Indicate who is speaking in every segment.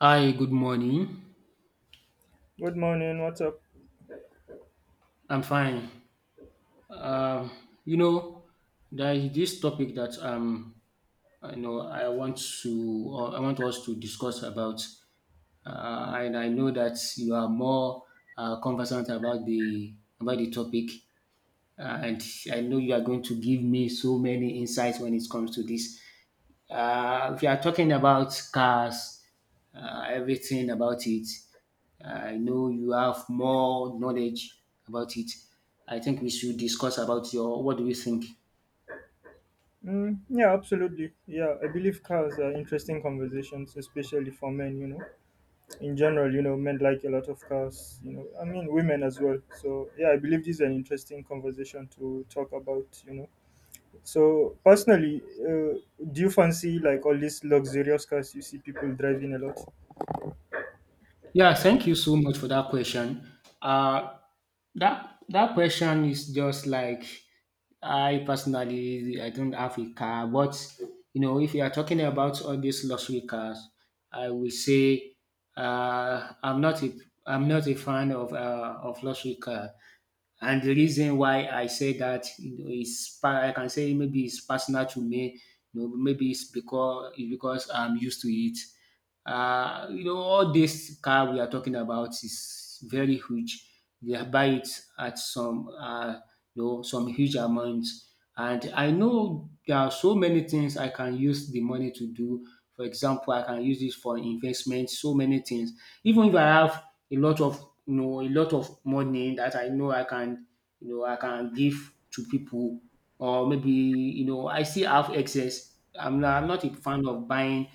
Speaker 1: Hi, good morning.
Speaker 2: Good morning, what's up?
Speaker 1: I'm fine. Um, you know, there is this topic that I know I want to, or I want us to discuss about, and I know that you are more conversant about the topic. And I know you are going to give me so many insights when it comes to this. If you are talking about cars, everything about it, I know you have more knowledge about it. I think we should discuss about your. What do you think?
Speaker 2: Mm, yeah, absolutely. Yeah, I believe cars are interesting conversations, especially for men, you know. In general, you know, men like a lot of cars, you know, I mean, women as well. So, yeah, I believe this is an interesting conversation to talk about, you know. So, personally, do you fancy like all these luxurious cars you see people driving a lot?
Speaker 1: Yeah, thank you so much for that question. Uh, that question is just like I personally, I don't have a car, but you know if you are talking about all these luxury cars, I will say uh, I'm not a I'm not a fan of luxury car. And the reason why I say that, you know, is I can say maybe it's personal to me. You know, maybe it's because I'm used to it. You know, all this car we are talking about is very huge. They buy it at some you know some huge amounts. And I know there are so many things I can use the money to do. For example, I can use it for investment, so many things. Even if I have a lot of, you know, a lot of money that I know I can, you know, I can give to people, or maybe, you know, I still have excess. I'm not a fan of buying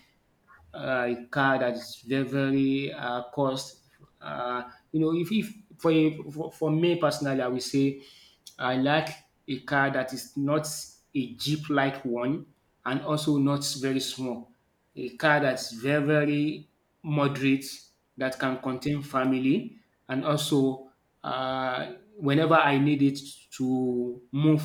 Speaker 1: car that is very very cost. You know, if for, a- for for me personally, I will say I like a car that is not a jeep like one, and also not very small. A car that's very very moderate that can contain family, and also whenever I need it to move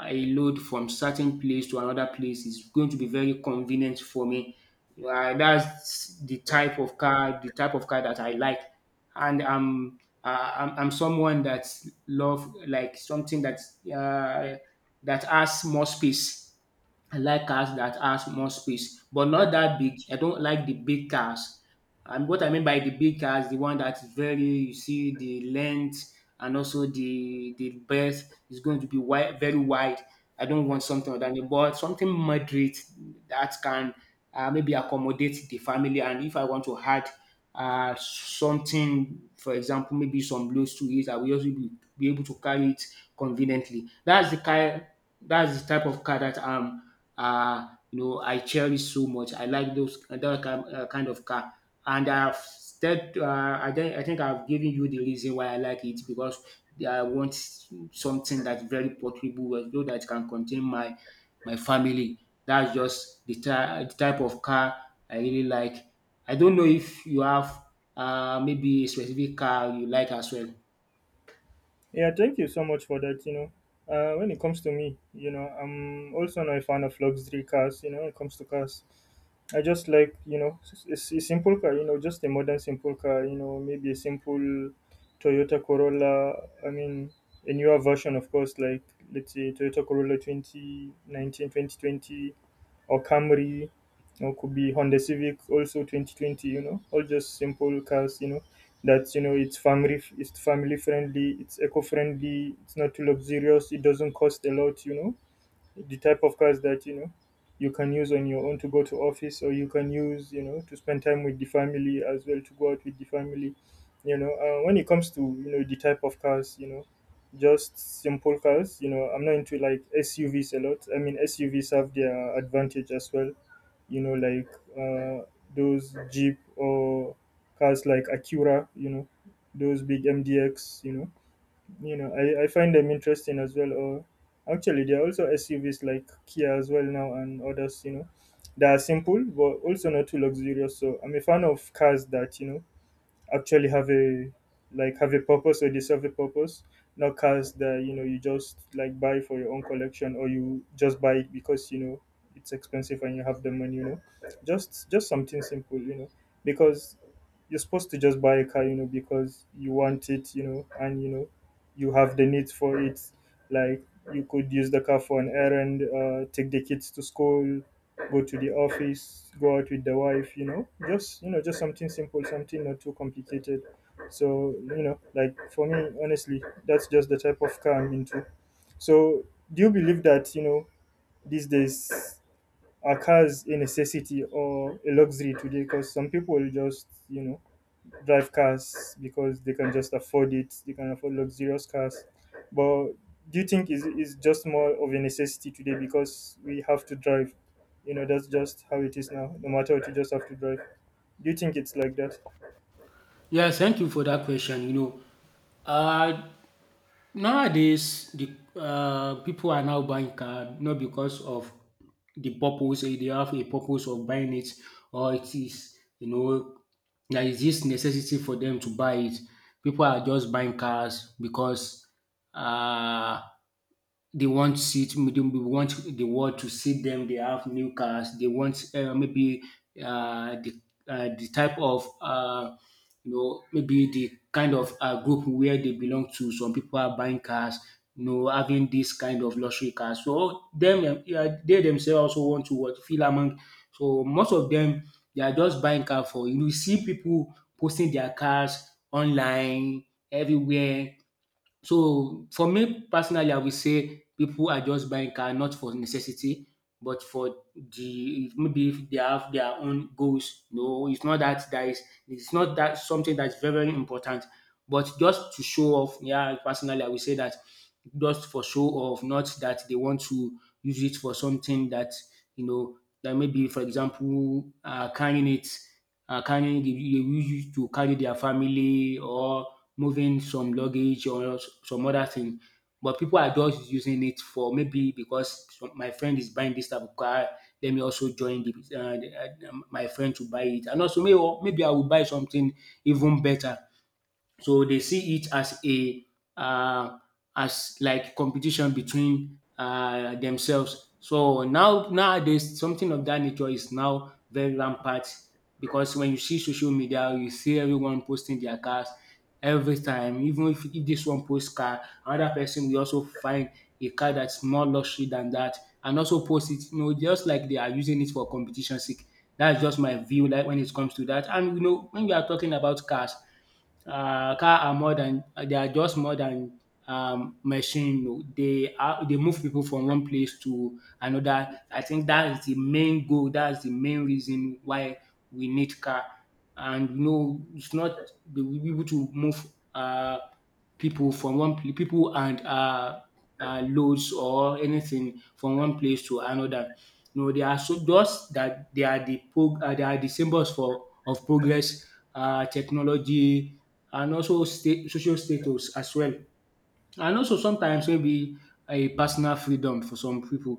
Speaker 1: a load from certain place to another place is going to be very convenient for me. That's the type of car, the type of car that I like, and I'm I'm someone that love like something that uh, that has more space. I like cars that has more space, but not that big. I don't like the big cars. And what I mean by the big cars, the one that's very, you see the length, and also the breadth is going to be wide, very wide. I don't want something like that, but something moderate that can maybe accommodate the family. And if I want to add something, for example, maybe some loads to it, I will also be able to carry it conveniently. That's the car. That's the type of car that you know I cherish so much. I like those that kind, kind of car, and I've said I think I've given you the reason why I like it, because I want something that's very portable, so that can contain my family. That's just the the type of car I really like. I don't know if you have maybe a specific car you like as well.
Speaker 2: Yeah, thank you so much for that. You know, when it comes to me, you know, I'm also not a fan of luxury cars. You know, when it comes to cars, I just like, you know, it's a simple car. You know, just a modern simple car. You know, maybe a simple Toyota Corolla. I mean, a newer version, of course, like let's say Toyota Corolla 2019, 2020 Camry, or could be Honda Civic also 2020, you know, all just simple cars, you know, that, you know, it's family friendly, it's eco-friendly, it's not too luxurious, it doesn't cost a lot, you know, the type of cars that, you know, you can use on your own to go to office, or you can use, you know, to spend time with the family as well, to go out with the family, you know. When it comes to, you know, the type of cars, you know, just simple cars, you know, I'm not into like SUVs a lot. I mean, SUVs have their advantage as well, you know, like, uh, those jeep or cars like Acura, you know, those big MDX, you know, you know, I find them interesting as well. Or actually, there are also SUVs like Kia as well now and others. You know, they are simple but also not too luxurious. So I'm a fan of cars that, you know, actually have a, like have a purpose or they serve a purpose, not cars that, you know, you just like buy for your own collection, or you just buy it because, you know, it's expensive and you have the money, you know, just something simple, you know, because you're supposed to just buy a car, you know, because you want it, you know, and you know, you have the need for it, like you could use the car for an errand, take the kids to school, go to the office, go out with the wife, you know, just, you know, just something simple, something not too complicated. So, you know, like for me, honestly, that's just the type of car I'm into. So do you believe that, you know, these days, are cars a necessity or a luxury today? Because some people just, you know, drive cars because they can just afford it. They can afford luxurious cars. But do you think is just more of a necessity today because we have to drive? You know, that's just how it is now. No matter what, you just have to drive. Do you think it's like that?
Speaker 1: Yeah, thank you for that question. You know, uh, nowadays the people are now buying car not because of the purpose. They have a purpose of buying it, or it is, you know, there is this necessity for them to buy it. People are just buying cars because uh, they want seat, they want the world to see them they have new cars. They want maybe uh, the the type of you know maybe the kind of group where they belong to. Some people are buying cars, you know, having this kind of luxury cars so them, yeah, they themselves also want to what feel among. So most of them, they are just buying car for, you know, you see people posting their cars online everywhere. So for me personally, I will say people are just buying car not for necessity, but for the maybe if they have their own goals. No, it's not that that is it's not that something that's very, very important, but just to show off. Yeah, personally, I will say that just for show off, not that they want to use it for something that, you know, that maybe for example carrying, they use it to carry their family, or moving some luggage or some other thing. But people are just using it for maybe because my friend is buying this type of car, let me also join my friend to buy it. And also maybe I will buy something even better. So they see it as a uh, as like competition between themselves. So now nowadays something of that nature is now very rampant, because when you see social media, you see everyone posting their cars every time. Even if this one posts car, another person will also find a car that's more luxury than that, and also post it. You know, just like they are using it for competition sake. That's just my view like when it comes to that. And you know, when we are talking about cars, car are more than they are just more than machine o. They are, they move people from one place to another. I think that is the main goal. That is the main reason why we need car. And you know it's not, we will be able to move um pipu and loads or anything from one place to another. You know they are so just that they are they are the symbols for of progress, technology, and also social status as well. And also sometimes maybe a personal freedom for some people.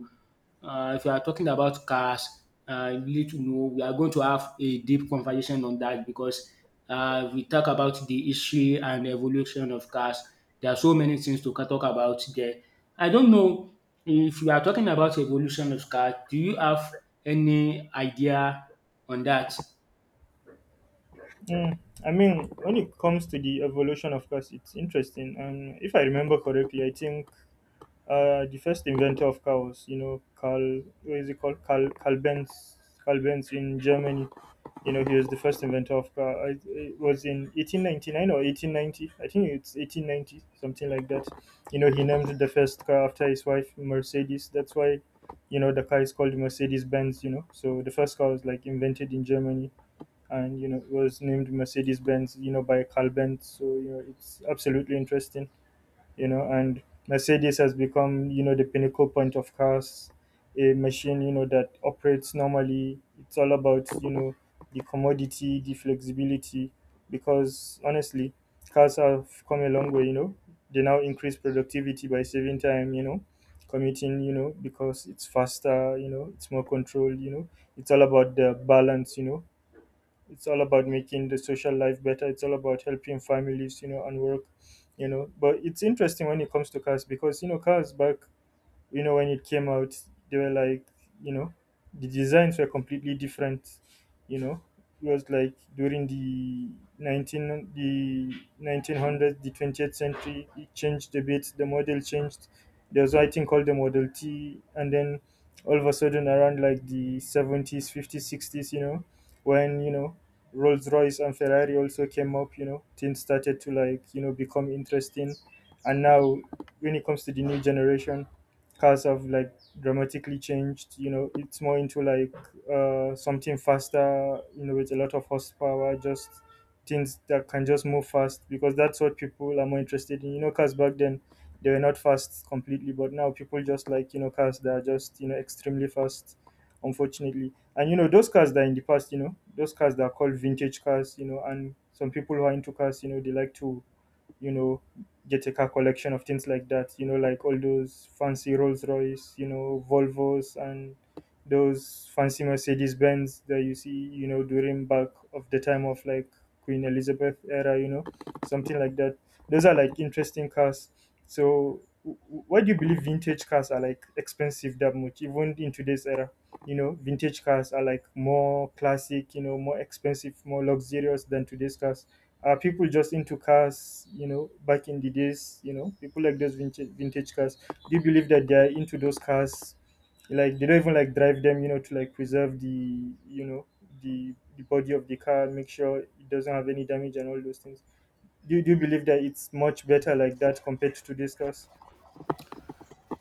Speaker 1: If you are talking about cars, you need to know we are going to have a deep conversation on that, because we talk about the history and evolution of cars. There are so many things to talk about there. I don't know if you are talking about evolution of cars. Do you have any idea on that?
Speaker 2: Mm, I mean, when it comes to the evolution of cars, it's interesting. And if I remember correctly, I think the first inventor of cows, you know, Carl, what is it called? Carl Benz, Carl Benz in Germany. You know, he was the first inventor of car. I- It was in 1899 or 1890. I think it's 1890, something like that. You know, he named the first car after his wife, Mercedes. That's why, you know, the car is called Mercedes Benz, you know. So the first car was like invented in Germany and, you know, it was named Mercedes Benz, you know, by Carl Benz. So, you know, it's absolutely interesting, you know. And Mercedes has become, you know, the pinnacle point of cars, a machine, you know, that operates normally. It's all about, you know, the commodity, the flexibility, because honestly, cars have come a long way, you know. They now increase productivity by saving time, you know, commuting, you know, because it's faster, you know, it's more controlled, you know. It's all about the balance, you know. It's all about making the social life better. It's all about helping families, you know, and work, you know. But it's interesting when it comes to cars because, you know, cars back, you know, when it came out, they were like, you know, the designs were completely different, you know. It was like during the 19 the 1900s the 20th century. It changed a bit, the model changed. There was, I think, called the Model T, and then all of a sudden around like the 70s, 50s, 60s, you know, when, you know, Rolls Royce and Ferrari also came up, you know, things started to, like, you know, become interesting. And now when it comes to the new generation, cars have like dramatically changed. You know, it's more into like, something faster, you know, with a lot of horsepower, just things that can just move fast because that's what people are more interested in, you know. Cars back then, they were not fast completely, but now people just like, you know, cars that are just, you know, extremely fast, unfortunately. And you know, those cars that are in the past, you know, those cars that are called vintage cars, you know, and some people who are into cars, you know, they like to, you know, get a car collection of things like that, you know, like all those fancy Rolls Royce, you know, Volvos, and those fancy Mercedes Benz that you see, you know, during back of the time of like Queen Elizabeth era, you know, something like that. Those are like interesting cars. So why do you believe vintage cars are like expensive that much, even in today's era? You know, vintage cars are like more classic, you know, more expensive, more luxurious than today's cars. Are people just into cars, you know, back in the days, you know, people like those vintage cars? Do you believe that they are into those cars? Like they don't even like drive them, you know, to like preserve the, you know, the body of the car, make sure it doesn't have any damage and all those things. Do you believe that it's much better like that compared to today's cars?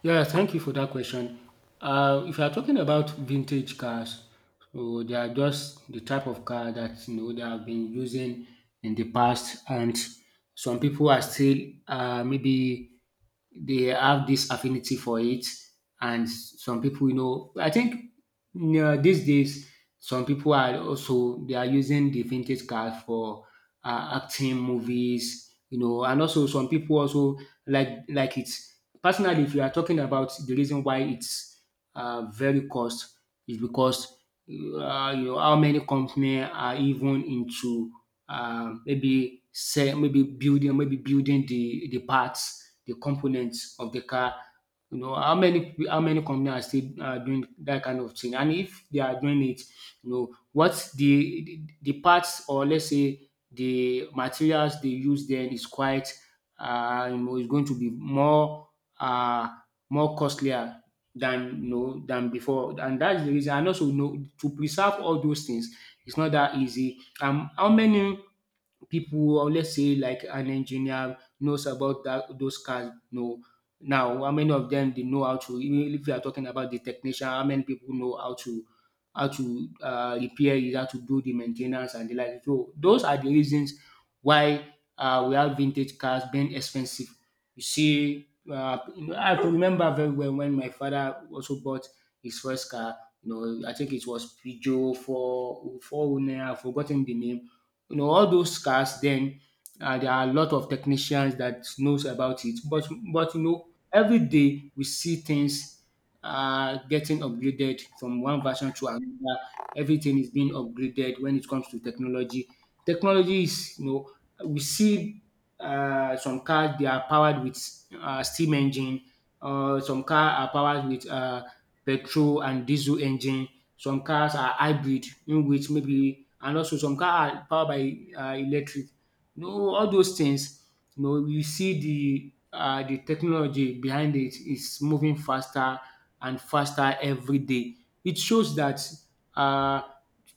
Speaker 1: Yeah, thank you for that question. If you are talking about vintage cars, so they are just the type of car that you know they have been using in the past, and some people are still maybe they have this affinity for it. And some people, you know, I think, yeah, these days some people are also they are using the vintage cars for acting movies, you know, and also some people also like it. Personally, if you are talking about the reason why it's very cost is because you know how many companies are even into maybe building the parts, the components of the car. You know how many companies are still doing that kind of thing, and if they are doing it, you know what, the parts, or let's say the materials they use then is quite you know is going to be more uh, more costlier than you know than before. And that's the reason. And also you know to preserve all those things, it's not that easy. Um, how many people who, or let's say like an engineer knows about that those cars. No, now how many of them they know how to? Even if you are talking about the technician, how many people know how to repair it, how to do the maintenance and the like. So those are the reasons why we have vintage cars being expensive. You see, you know, I remember very well when my father also bought his first car. You know, I think it was Peugeot for four. I have forgotten the name, you know all those cars then. There are a lot of technicians that knows about it, but you know every day we see things getting upgraded from one version to another. Everything is being upgraded when it comes to technology. Technology is, you know, we see some cars they are powered with steam engine, some cars are powered with petrol and diesel engine, some cars are hybrid in which maybe, and also some car are powered by electric. You know all those things, you know you see the technology behind it is moving faster and faster every day. It shows that um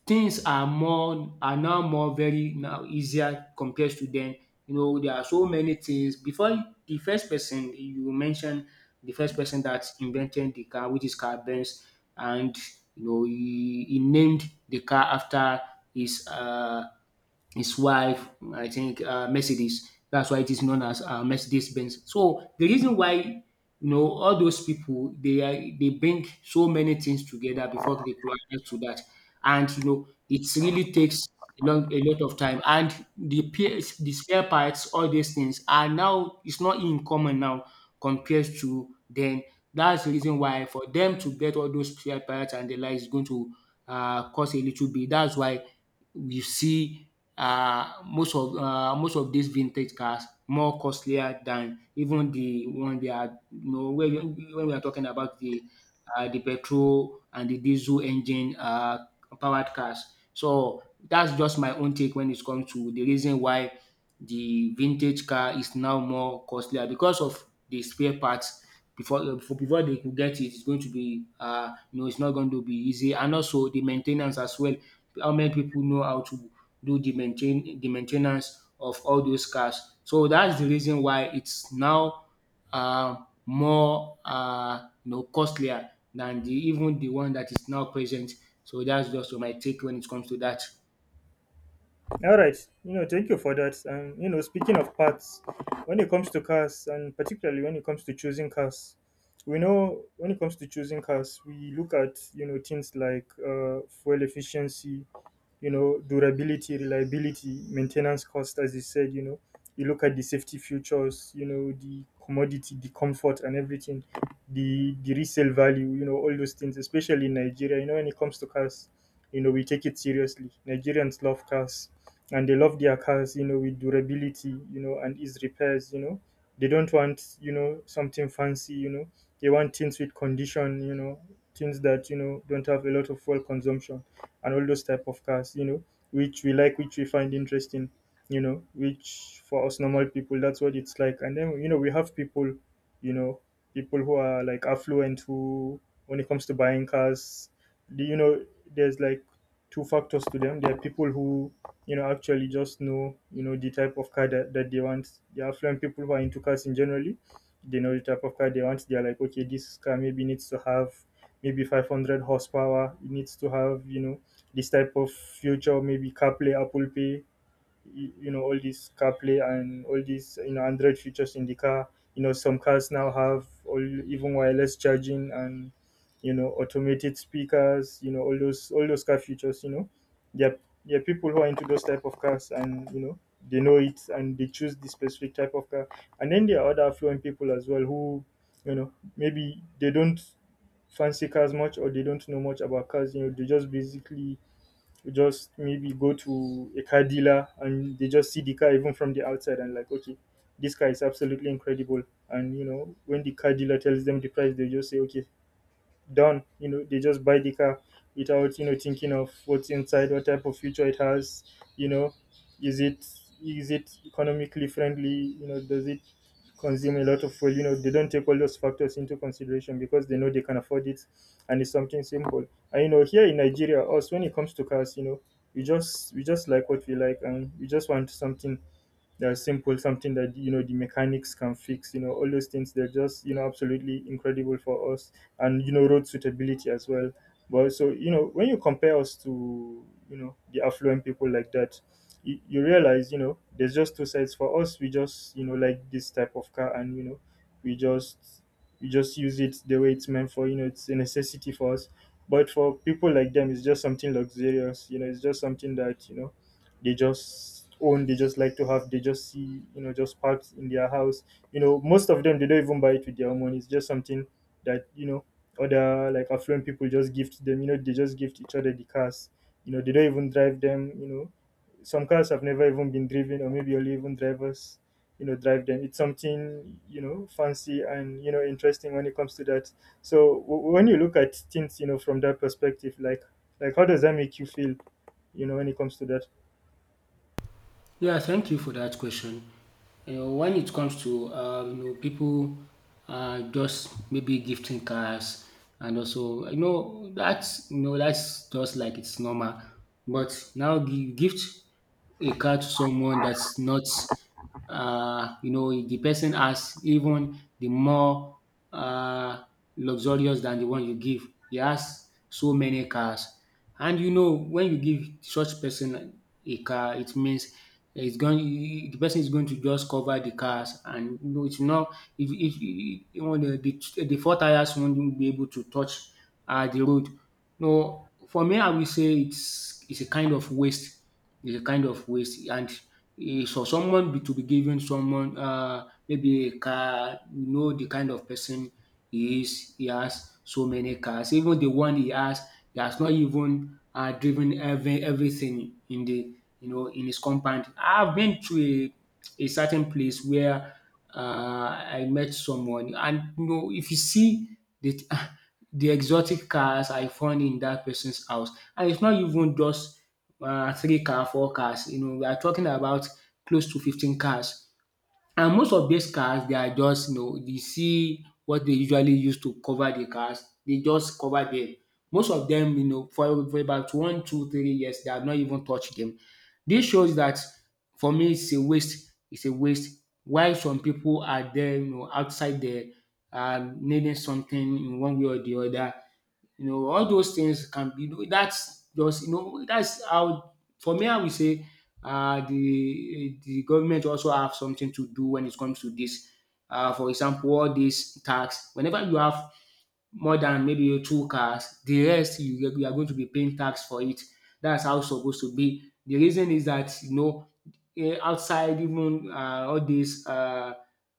Speaker 1: things are more are now more very now easier compared to then. You know, there are so many things. Before the first person you mentioned, the first person that invented the car, which is Carl Benz, and you know he named the car after his uh, his wife, I think Mercedes. That's why it is known as Mercedes Benz. So the reason why you know all those people they bring so many things together before they coalesce to that, and you know it really takes a lot of time. And the PS, the spare parts, all these things are now it's not in common now compared to then. That's the reason why for them to get all those spare parts and the like is going to cost a little bit. That's why we see most of these vintage cars more costlier than even the one they are you know when we are talking about the petrol and the diesel engine powered cars. So that's just my own take when it comes to the reason why the vintage car is now more costlier because of the spare parts before before they could get it it's going to be you know it's not going to be easy and also the maintenance as well. How many people know how to do the maintain the main of all those cars. So that's the reason why it's now more you know costlier than the even the one that is now present. So that's just my take when it comes to that.
Speaker 2: All right, you know, thank you for that. And you know, speaking of parts, when it comes to cars, and particularly when it comes to choosing cars, we know when it comes to choosing cars, we look at, you know, things like, fuel efficiency, you know, durability, reliability, maintenance cost, as you said, you know, you look at the safety features, you know, the commodity, the comfort and everything, the resale value, you know, all those things, especially in Nigeria, you know, when it comes to cars, you know, we take it seriously. Nigerians love cars, and they love their cars, you know, with durability, you know, and ease repairs, you know. They don't want, you know, something fancy, you know. They want things with condition, you know, things that, you know, don't have a lot of fuel consumption and all those type of cars, you know, which we like, which we find interesting, you know, which for us normal people, that's what it's like. And then, you know, we have people, you know, people who are like affluent who, when it comes to buying cars, do you know, there's like two factors to them. There are people who, you know, actually just know, you know, the type of car that they want. The affluent people who are into cars in generally, they know the type of car they want. They're like, okay, this car maybe needs to have maybe 500 horsepower. It needs to have, you know, this type of future, maybe CarPlay, Apple Pay, you know, all these CarPlay and all these, you know, Android features in the car. You know, some cars now have all even wireless charging and, you know, automated speakers. You know, all those, all those car features. You know, there are- there are people who are into those type of cars, and you know they know it, and they choose the specific type of car. And then there are other affluent people as well who, you know, maybe they don't fancy cars much, or they don't know much about cars. You know, they just basically, you just maybe go to a car dealer, and they just see the car even from the outside and like, okay, this car is absolutely incredible. And you know, when the car dealer tells them the price, they just say, okay, done. You know, they just buy the car without, you know, thinking of what's inside, what type of future it has. You know, is it, is it economically friendly? You know, does it consume a lot of fuel? They don't take all those factors into consideration because they know they can afford it, and it's something simple. And here in Nigeria, us when it comes to cars, we just like what we like, and we just want something they are simple, something that the mechanics can fix. All those things they're just absolutely incredible for us, and road suitability as well. But so when you compare us to the affluent people like that, you realize there's just two sides. For us, we just like this type of car, and we just we just use it the way it's meant for. It's a necessity for us. But for people like them, it's just something luxurious. It's just something that they just own, they just like to have, they just see just parked in their house. Most of them, they don't even buy it with their own money. It's just something that other like affluent people just gift them. They just gift each other the cars. They don't even drive them. Some cars have never even been driven, or maybe only even drivers drive them. It's something fancy and interesting when it comes to that. So when you look at things from that perspective, like how does that make you feel when it comes to that?
Speaker 1: Yeah, thank you for that question. You know, when it comes to you know people just maybe gifting cars and also you know that's just like it's normal. But now the gift a car to someone that's not you know the person has even the more uh, luxurious than the one you give he has so many cars and you know when you give such person a car it means it's going the person is going to just cover the cars and you know it's not if you know the four tires won't be able to touch the road. No, for me, I will say it's a kind of waste. It's a kind of waste, and it's for to be giving someone maybe a car. You know the kind of person he is. He has so many cars. Even the one he has not even driven everything in the you know in his compound. I've been to a certain place where uh, I met someone, and you know if you see that. The exotic cars I found in that person's house. And it's not even just four cars. You know, we are talking about close to 15 cars. And most of these cars they are just you know you see what they usually use to cover the cars, they just cover them. Most of them you know for about one, two, 3 years they have not even touched them. This shows that for me it's a waste, it's a waste. Why some people are there you know outside there needing something in one way or the other. You know, all those things can be that's just you know that's how for me I will say the government also have something to do when it comes to this. For example, all these tax. Whenever you have more than maybe two cars, the rest you are going to be paying tax for it. That's how it's supposed to be. The reason is that you know outside even all these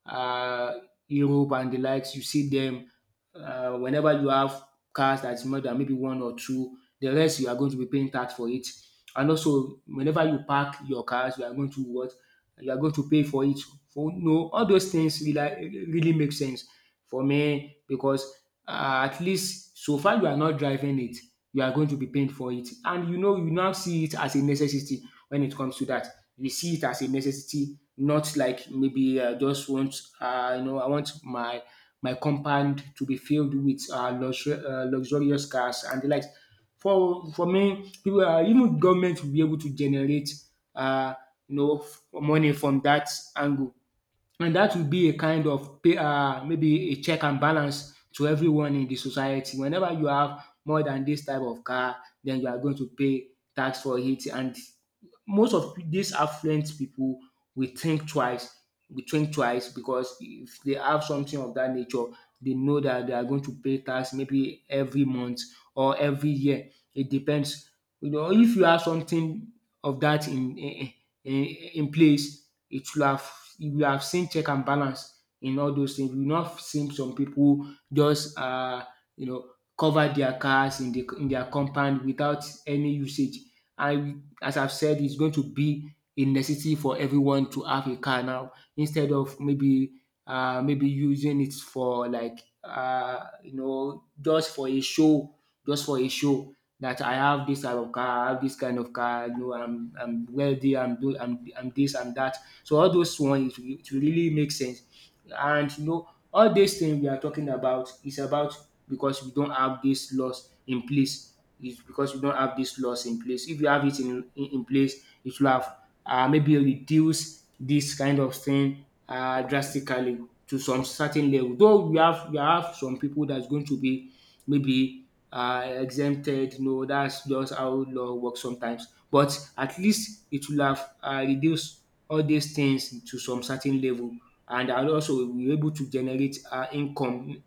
Speaker 1: uh, Europe and the likes, you see them whenever you have cars that's more than maybe one or two. The rest you are going to be paying tax for it. And also, whenever you park your cars, you are going to what? You are going to pay for it. For no, all those things really, really make sense for me because at least so far you are not driving it, you are going to be paying for it. And you know, you now see it as a necessity when it comes to that. You see it as a necessity, not like maybe I just want, you know, I want my compound to be filled with uh, luxurious cars and the likes. For me, people, even government will be able to generate uh, you know money from that angle, and that will be a kind of pay, maybe a check and balance to everyone in the society. Whenever you have more than this type of car, then you are going to pay tax for it, and most of these affluent people will think twice will think twice because if they have something of that nature they know that they are going to pay tax maybe every month or every year. It depends. You know if you have something of that in place it will have you will have seen check and balance in all those things. You will not seen some people just you know cover their cars in the in their compound without any usage, and as I've said, it's going to be a necessity for everyone to have a car now instead of maybe using it for like you know just for a show, just for a show that I have this type of car, I have this kind of car, you know, I'm wealthy, I'm do I'm this, I'm that. So all those ones, it will really make sense. And you know, all these things we are talking about is about because we don't have this laws in place. It's because we don't have this laws in place. If you have it in place, it will have maybe reduce this kind of thing drastically to some certain level. Though we have some people that's going to be maybe exempted. No, that's just how law works sometimes. But at least it will have reduced all these things to some certain level, and also we will be able to generate income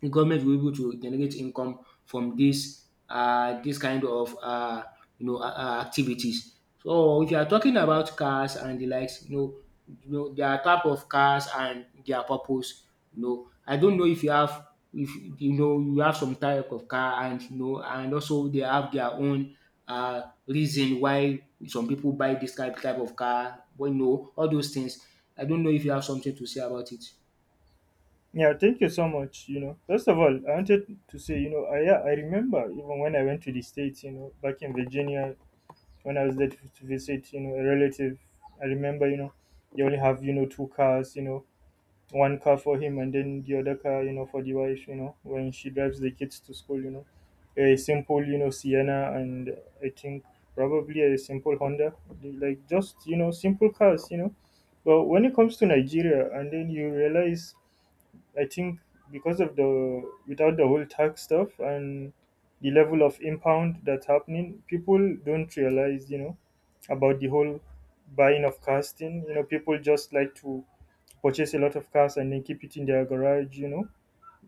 Speaker 1: the government will be able to generate income from this kind of you know activities. So if you are talking about cars and the likes, you know their type of cars and their purpose. You know I don't know if you have if you know you have some type of car and you know and also they have their own uh, reason why some people buy this type of car. But you know all those things. I don't know if you have something to say about it.
Speaker 2: Yeah, thank you so much. First of all, I wanted to say, I yeah, I remember even when I went to the states, back in Virginia, when I was there to visit, a relative. I remember, they only have two cars, one car for him and then the other car, for the wife, when she drives the kids to school, a simple, Sienna, and I think probably a simple Honda, like just simple cars. But when it comes to Nigeria, and then you realize I think because of the without the whole tax stuff and the level of impound that's happening, people don't realize, about the whole buying of cars thing. People just like to purchase a lot of cars and then keep it in their garage. You know,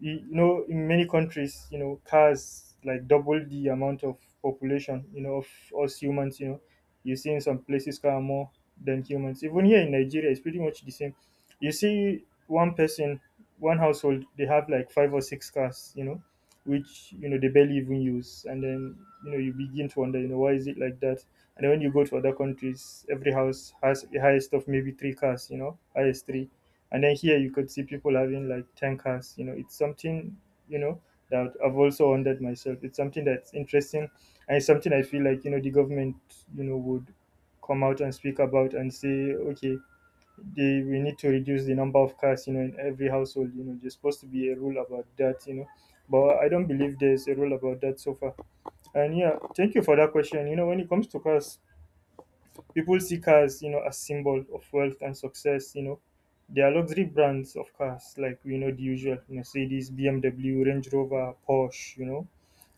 Speaker 2: In many countries cars like double the amount of population of us humans. You see in some places car more than humans. Even here in Nigeria it's pretty much the same. You see one person, one household, they have like five or six cars which they barely even use. And then you begin to wonder why is it like that. And then when you go to other countries every house has the highest of maybe three cars, highest three. And then here you could see people having like 10 cars. It's something, you know, that I've also wondered myself. It's something that's interesting, and it's something I feel like, the government, would come out and speak about and say, okay, we need to reduce the number of cars, in every household. There's supposed to be a rule about that. But I don't believe there's a rule about that so far. And yeah, thank you for that question. When it comes to cars, people see cars, as symbol of wealth and success. There are luxury brands of cars like we know the usual Mercedes, BMW, Range Rover, Porsche. You know,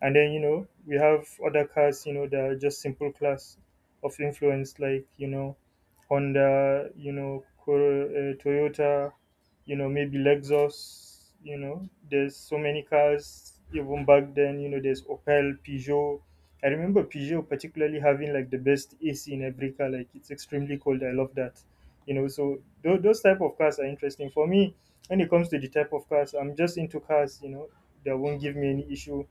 Speaker 2: and then we have other cars. That are just simple class of influence like Honda. Toyota. Maybe Lexus. There's so many cars even back then. There's Opel, Peugeot. I remember Peugeot particularly having like the best AC in every car. Like it's extremely cold. I love that. So those type of cars are interesting for me. When it comes to the type of cars, I'm just into cars. That won't give me any issue.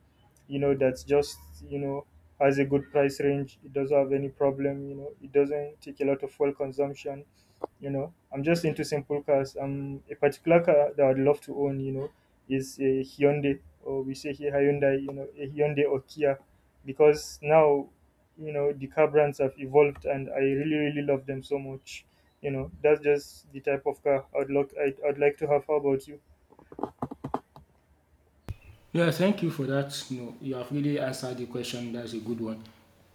Speaker 2: That's just you know has a good price range. It doesn't have any problem. It doesn't take a lot of fuel consumption. I'm just into simple cars. A particular car that I'd love to own. Is a Hyundai, or we say here Hyundai. A Hyundai or Kia, because now the car brands have evolved, and I really really love them so much. That's just the type of car I'd like to have. How about you?
Speaker 1: Yeah, thank you for that. No, you have really answered the question. That's a good one.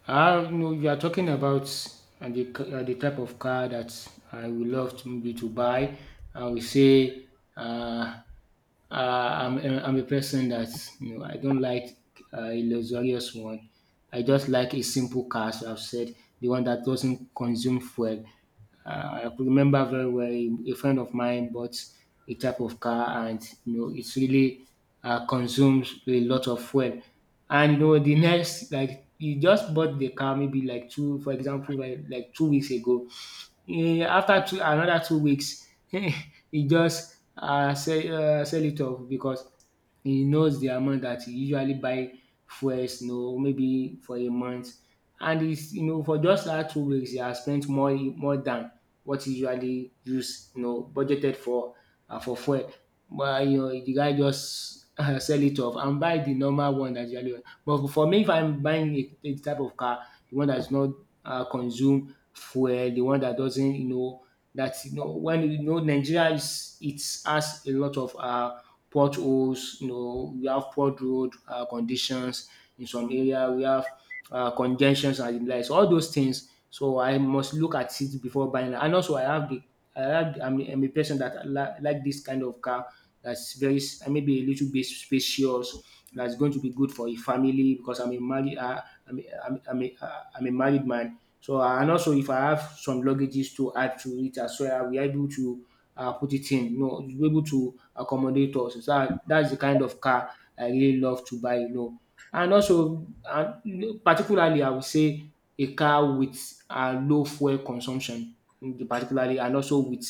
Speaker 1: I no, you are talking about the type of car that I would love to maybe to buy. I would say uh, I'm a person that you know I don't like a luxurious one. I just like a simple car, as I've said, the one that doesn't consume fuel. I could remember very well a friend of mine bought a type of car, and you know it really consumes a lot of fuel. And you know the next, like he just bought the car maybe like two, for example, like 2 weeks ago, after two another 2 weeks he just sell it off because he knows the amount that he usually buy fuels you know maybe for a month and is you know for just that 2 weeks he has spent more than what e usually use you know budgeted for fuel. But you know the guy just sell it off and buy the normal one dat usually. But for me if I'm buying a type of car, the one that's not consume fuel, the one that doesn't, you know, that you know when you know Nigeria is it has a lot of potholes. You know, we have poor road conditions in some area. We have congestions and the likes. All those things. So I must look at it before buying. And also, I have I'm a person that like this kind of car that's very maybe a little bit spacious. That's going to be good for a family because I'm a married. I'm, a- I'm, a- I'm, a- I'm a married man, so and also if I have some luggages to add to it as well, we are able to put it in. You know, it's able to accommodate us. So that's the kind of car I really love to buy. You know, and also particularly I would say a car with low fuel consumption, mm, particularly and also with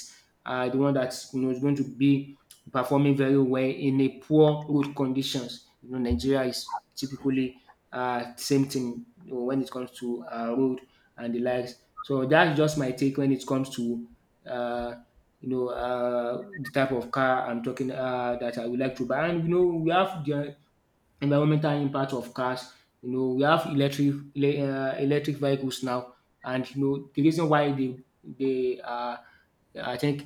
Speaker 1: the one that you know is going to be performing very well in a poor road conditions. You know, Nigeria is typically same thing you know, when it comes to road and the likes. So that's just my take when it comes to uh, you know the type of car I'm talking that I would like to buy. And you know we have the environmental impact of cars. You know we have electric vehicles now, and you know the reason why they are I think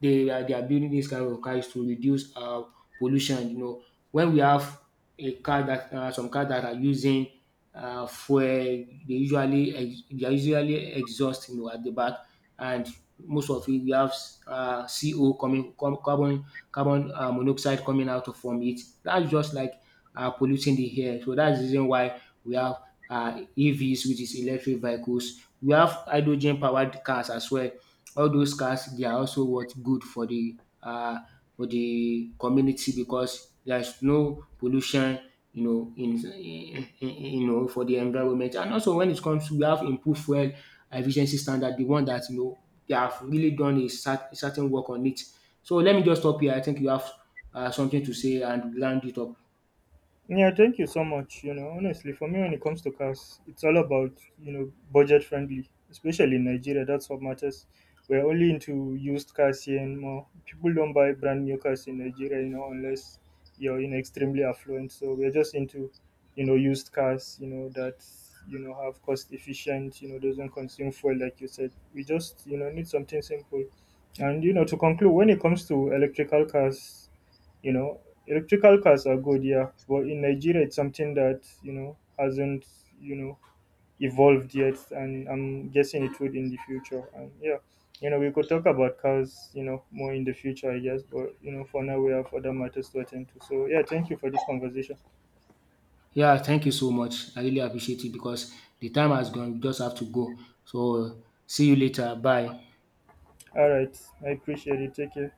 Speaker 1: they are building this kind of cars to reduce pollution. You know, when we have a car that some cars that are using fuel, they they are usually exhaust you know at the back, and most of it we have CO carbon monoxide coming out from it. That's just like polluting the air. So that's the reason why we have uh, EVs, which is electric vehicles. We have hydrogen powered cars as well. All those cars they are also what good uh, for the community because there is no pollution you know you know for the environment. And also when it comes to we have improved fuel efficiency standard, the one that you know they have really done a certain work on it. So let me just stop here. I think you have something to say and round it up.
Speaker 2: Yeah, thank you so much. Honestly, for me, when it comes to cars, it's all about budget friendly, especially in Nigeria. That's what matters. We're only into used cars here and more. People don't buy brand new cars in Nigeria, unless you're in extremely affluent. So we're just into used cars, that have cost efficient, doesn't consume fuel like you said. We just need something simple. And to conclude, when it comes to electrical cars. you know Electrical cars are good, yeah, but in Nigeria it's something that hasn't you know evolved yet, and I'm guessing it would in the future. And yeah, we could talk about cars, more in the future, I guess. But for now we have other matters to attend to. So yeah, thank you for this conversation.
Speaker 1: Yeah, thank you so much. I really appreciate it because the time has gone. We just have to go. So see you later. Bye.
Speaker 2: All right, I appreciate it. Take care.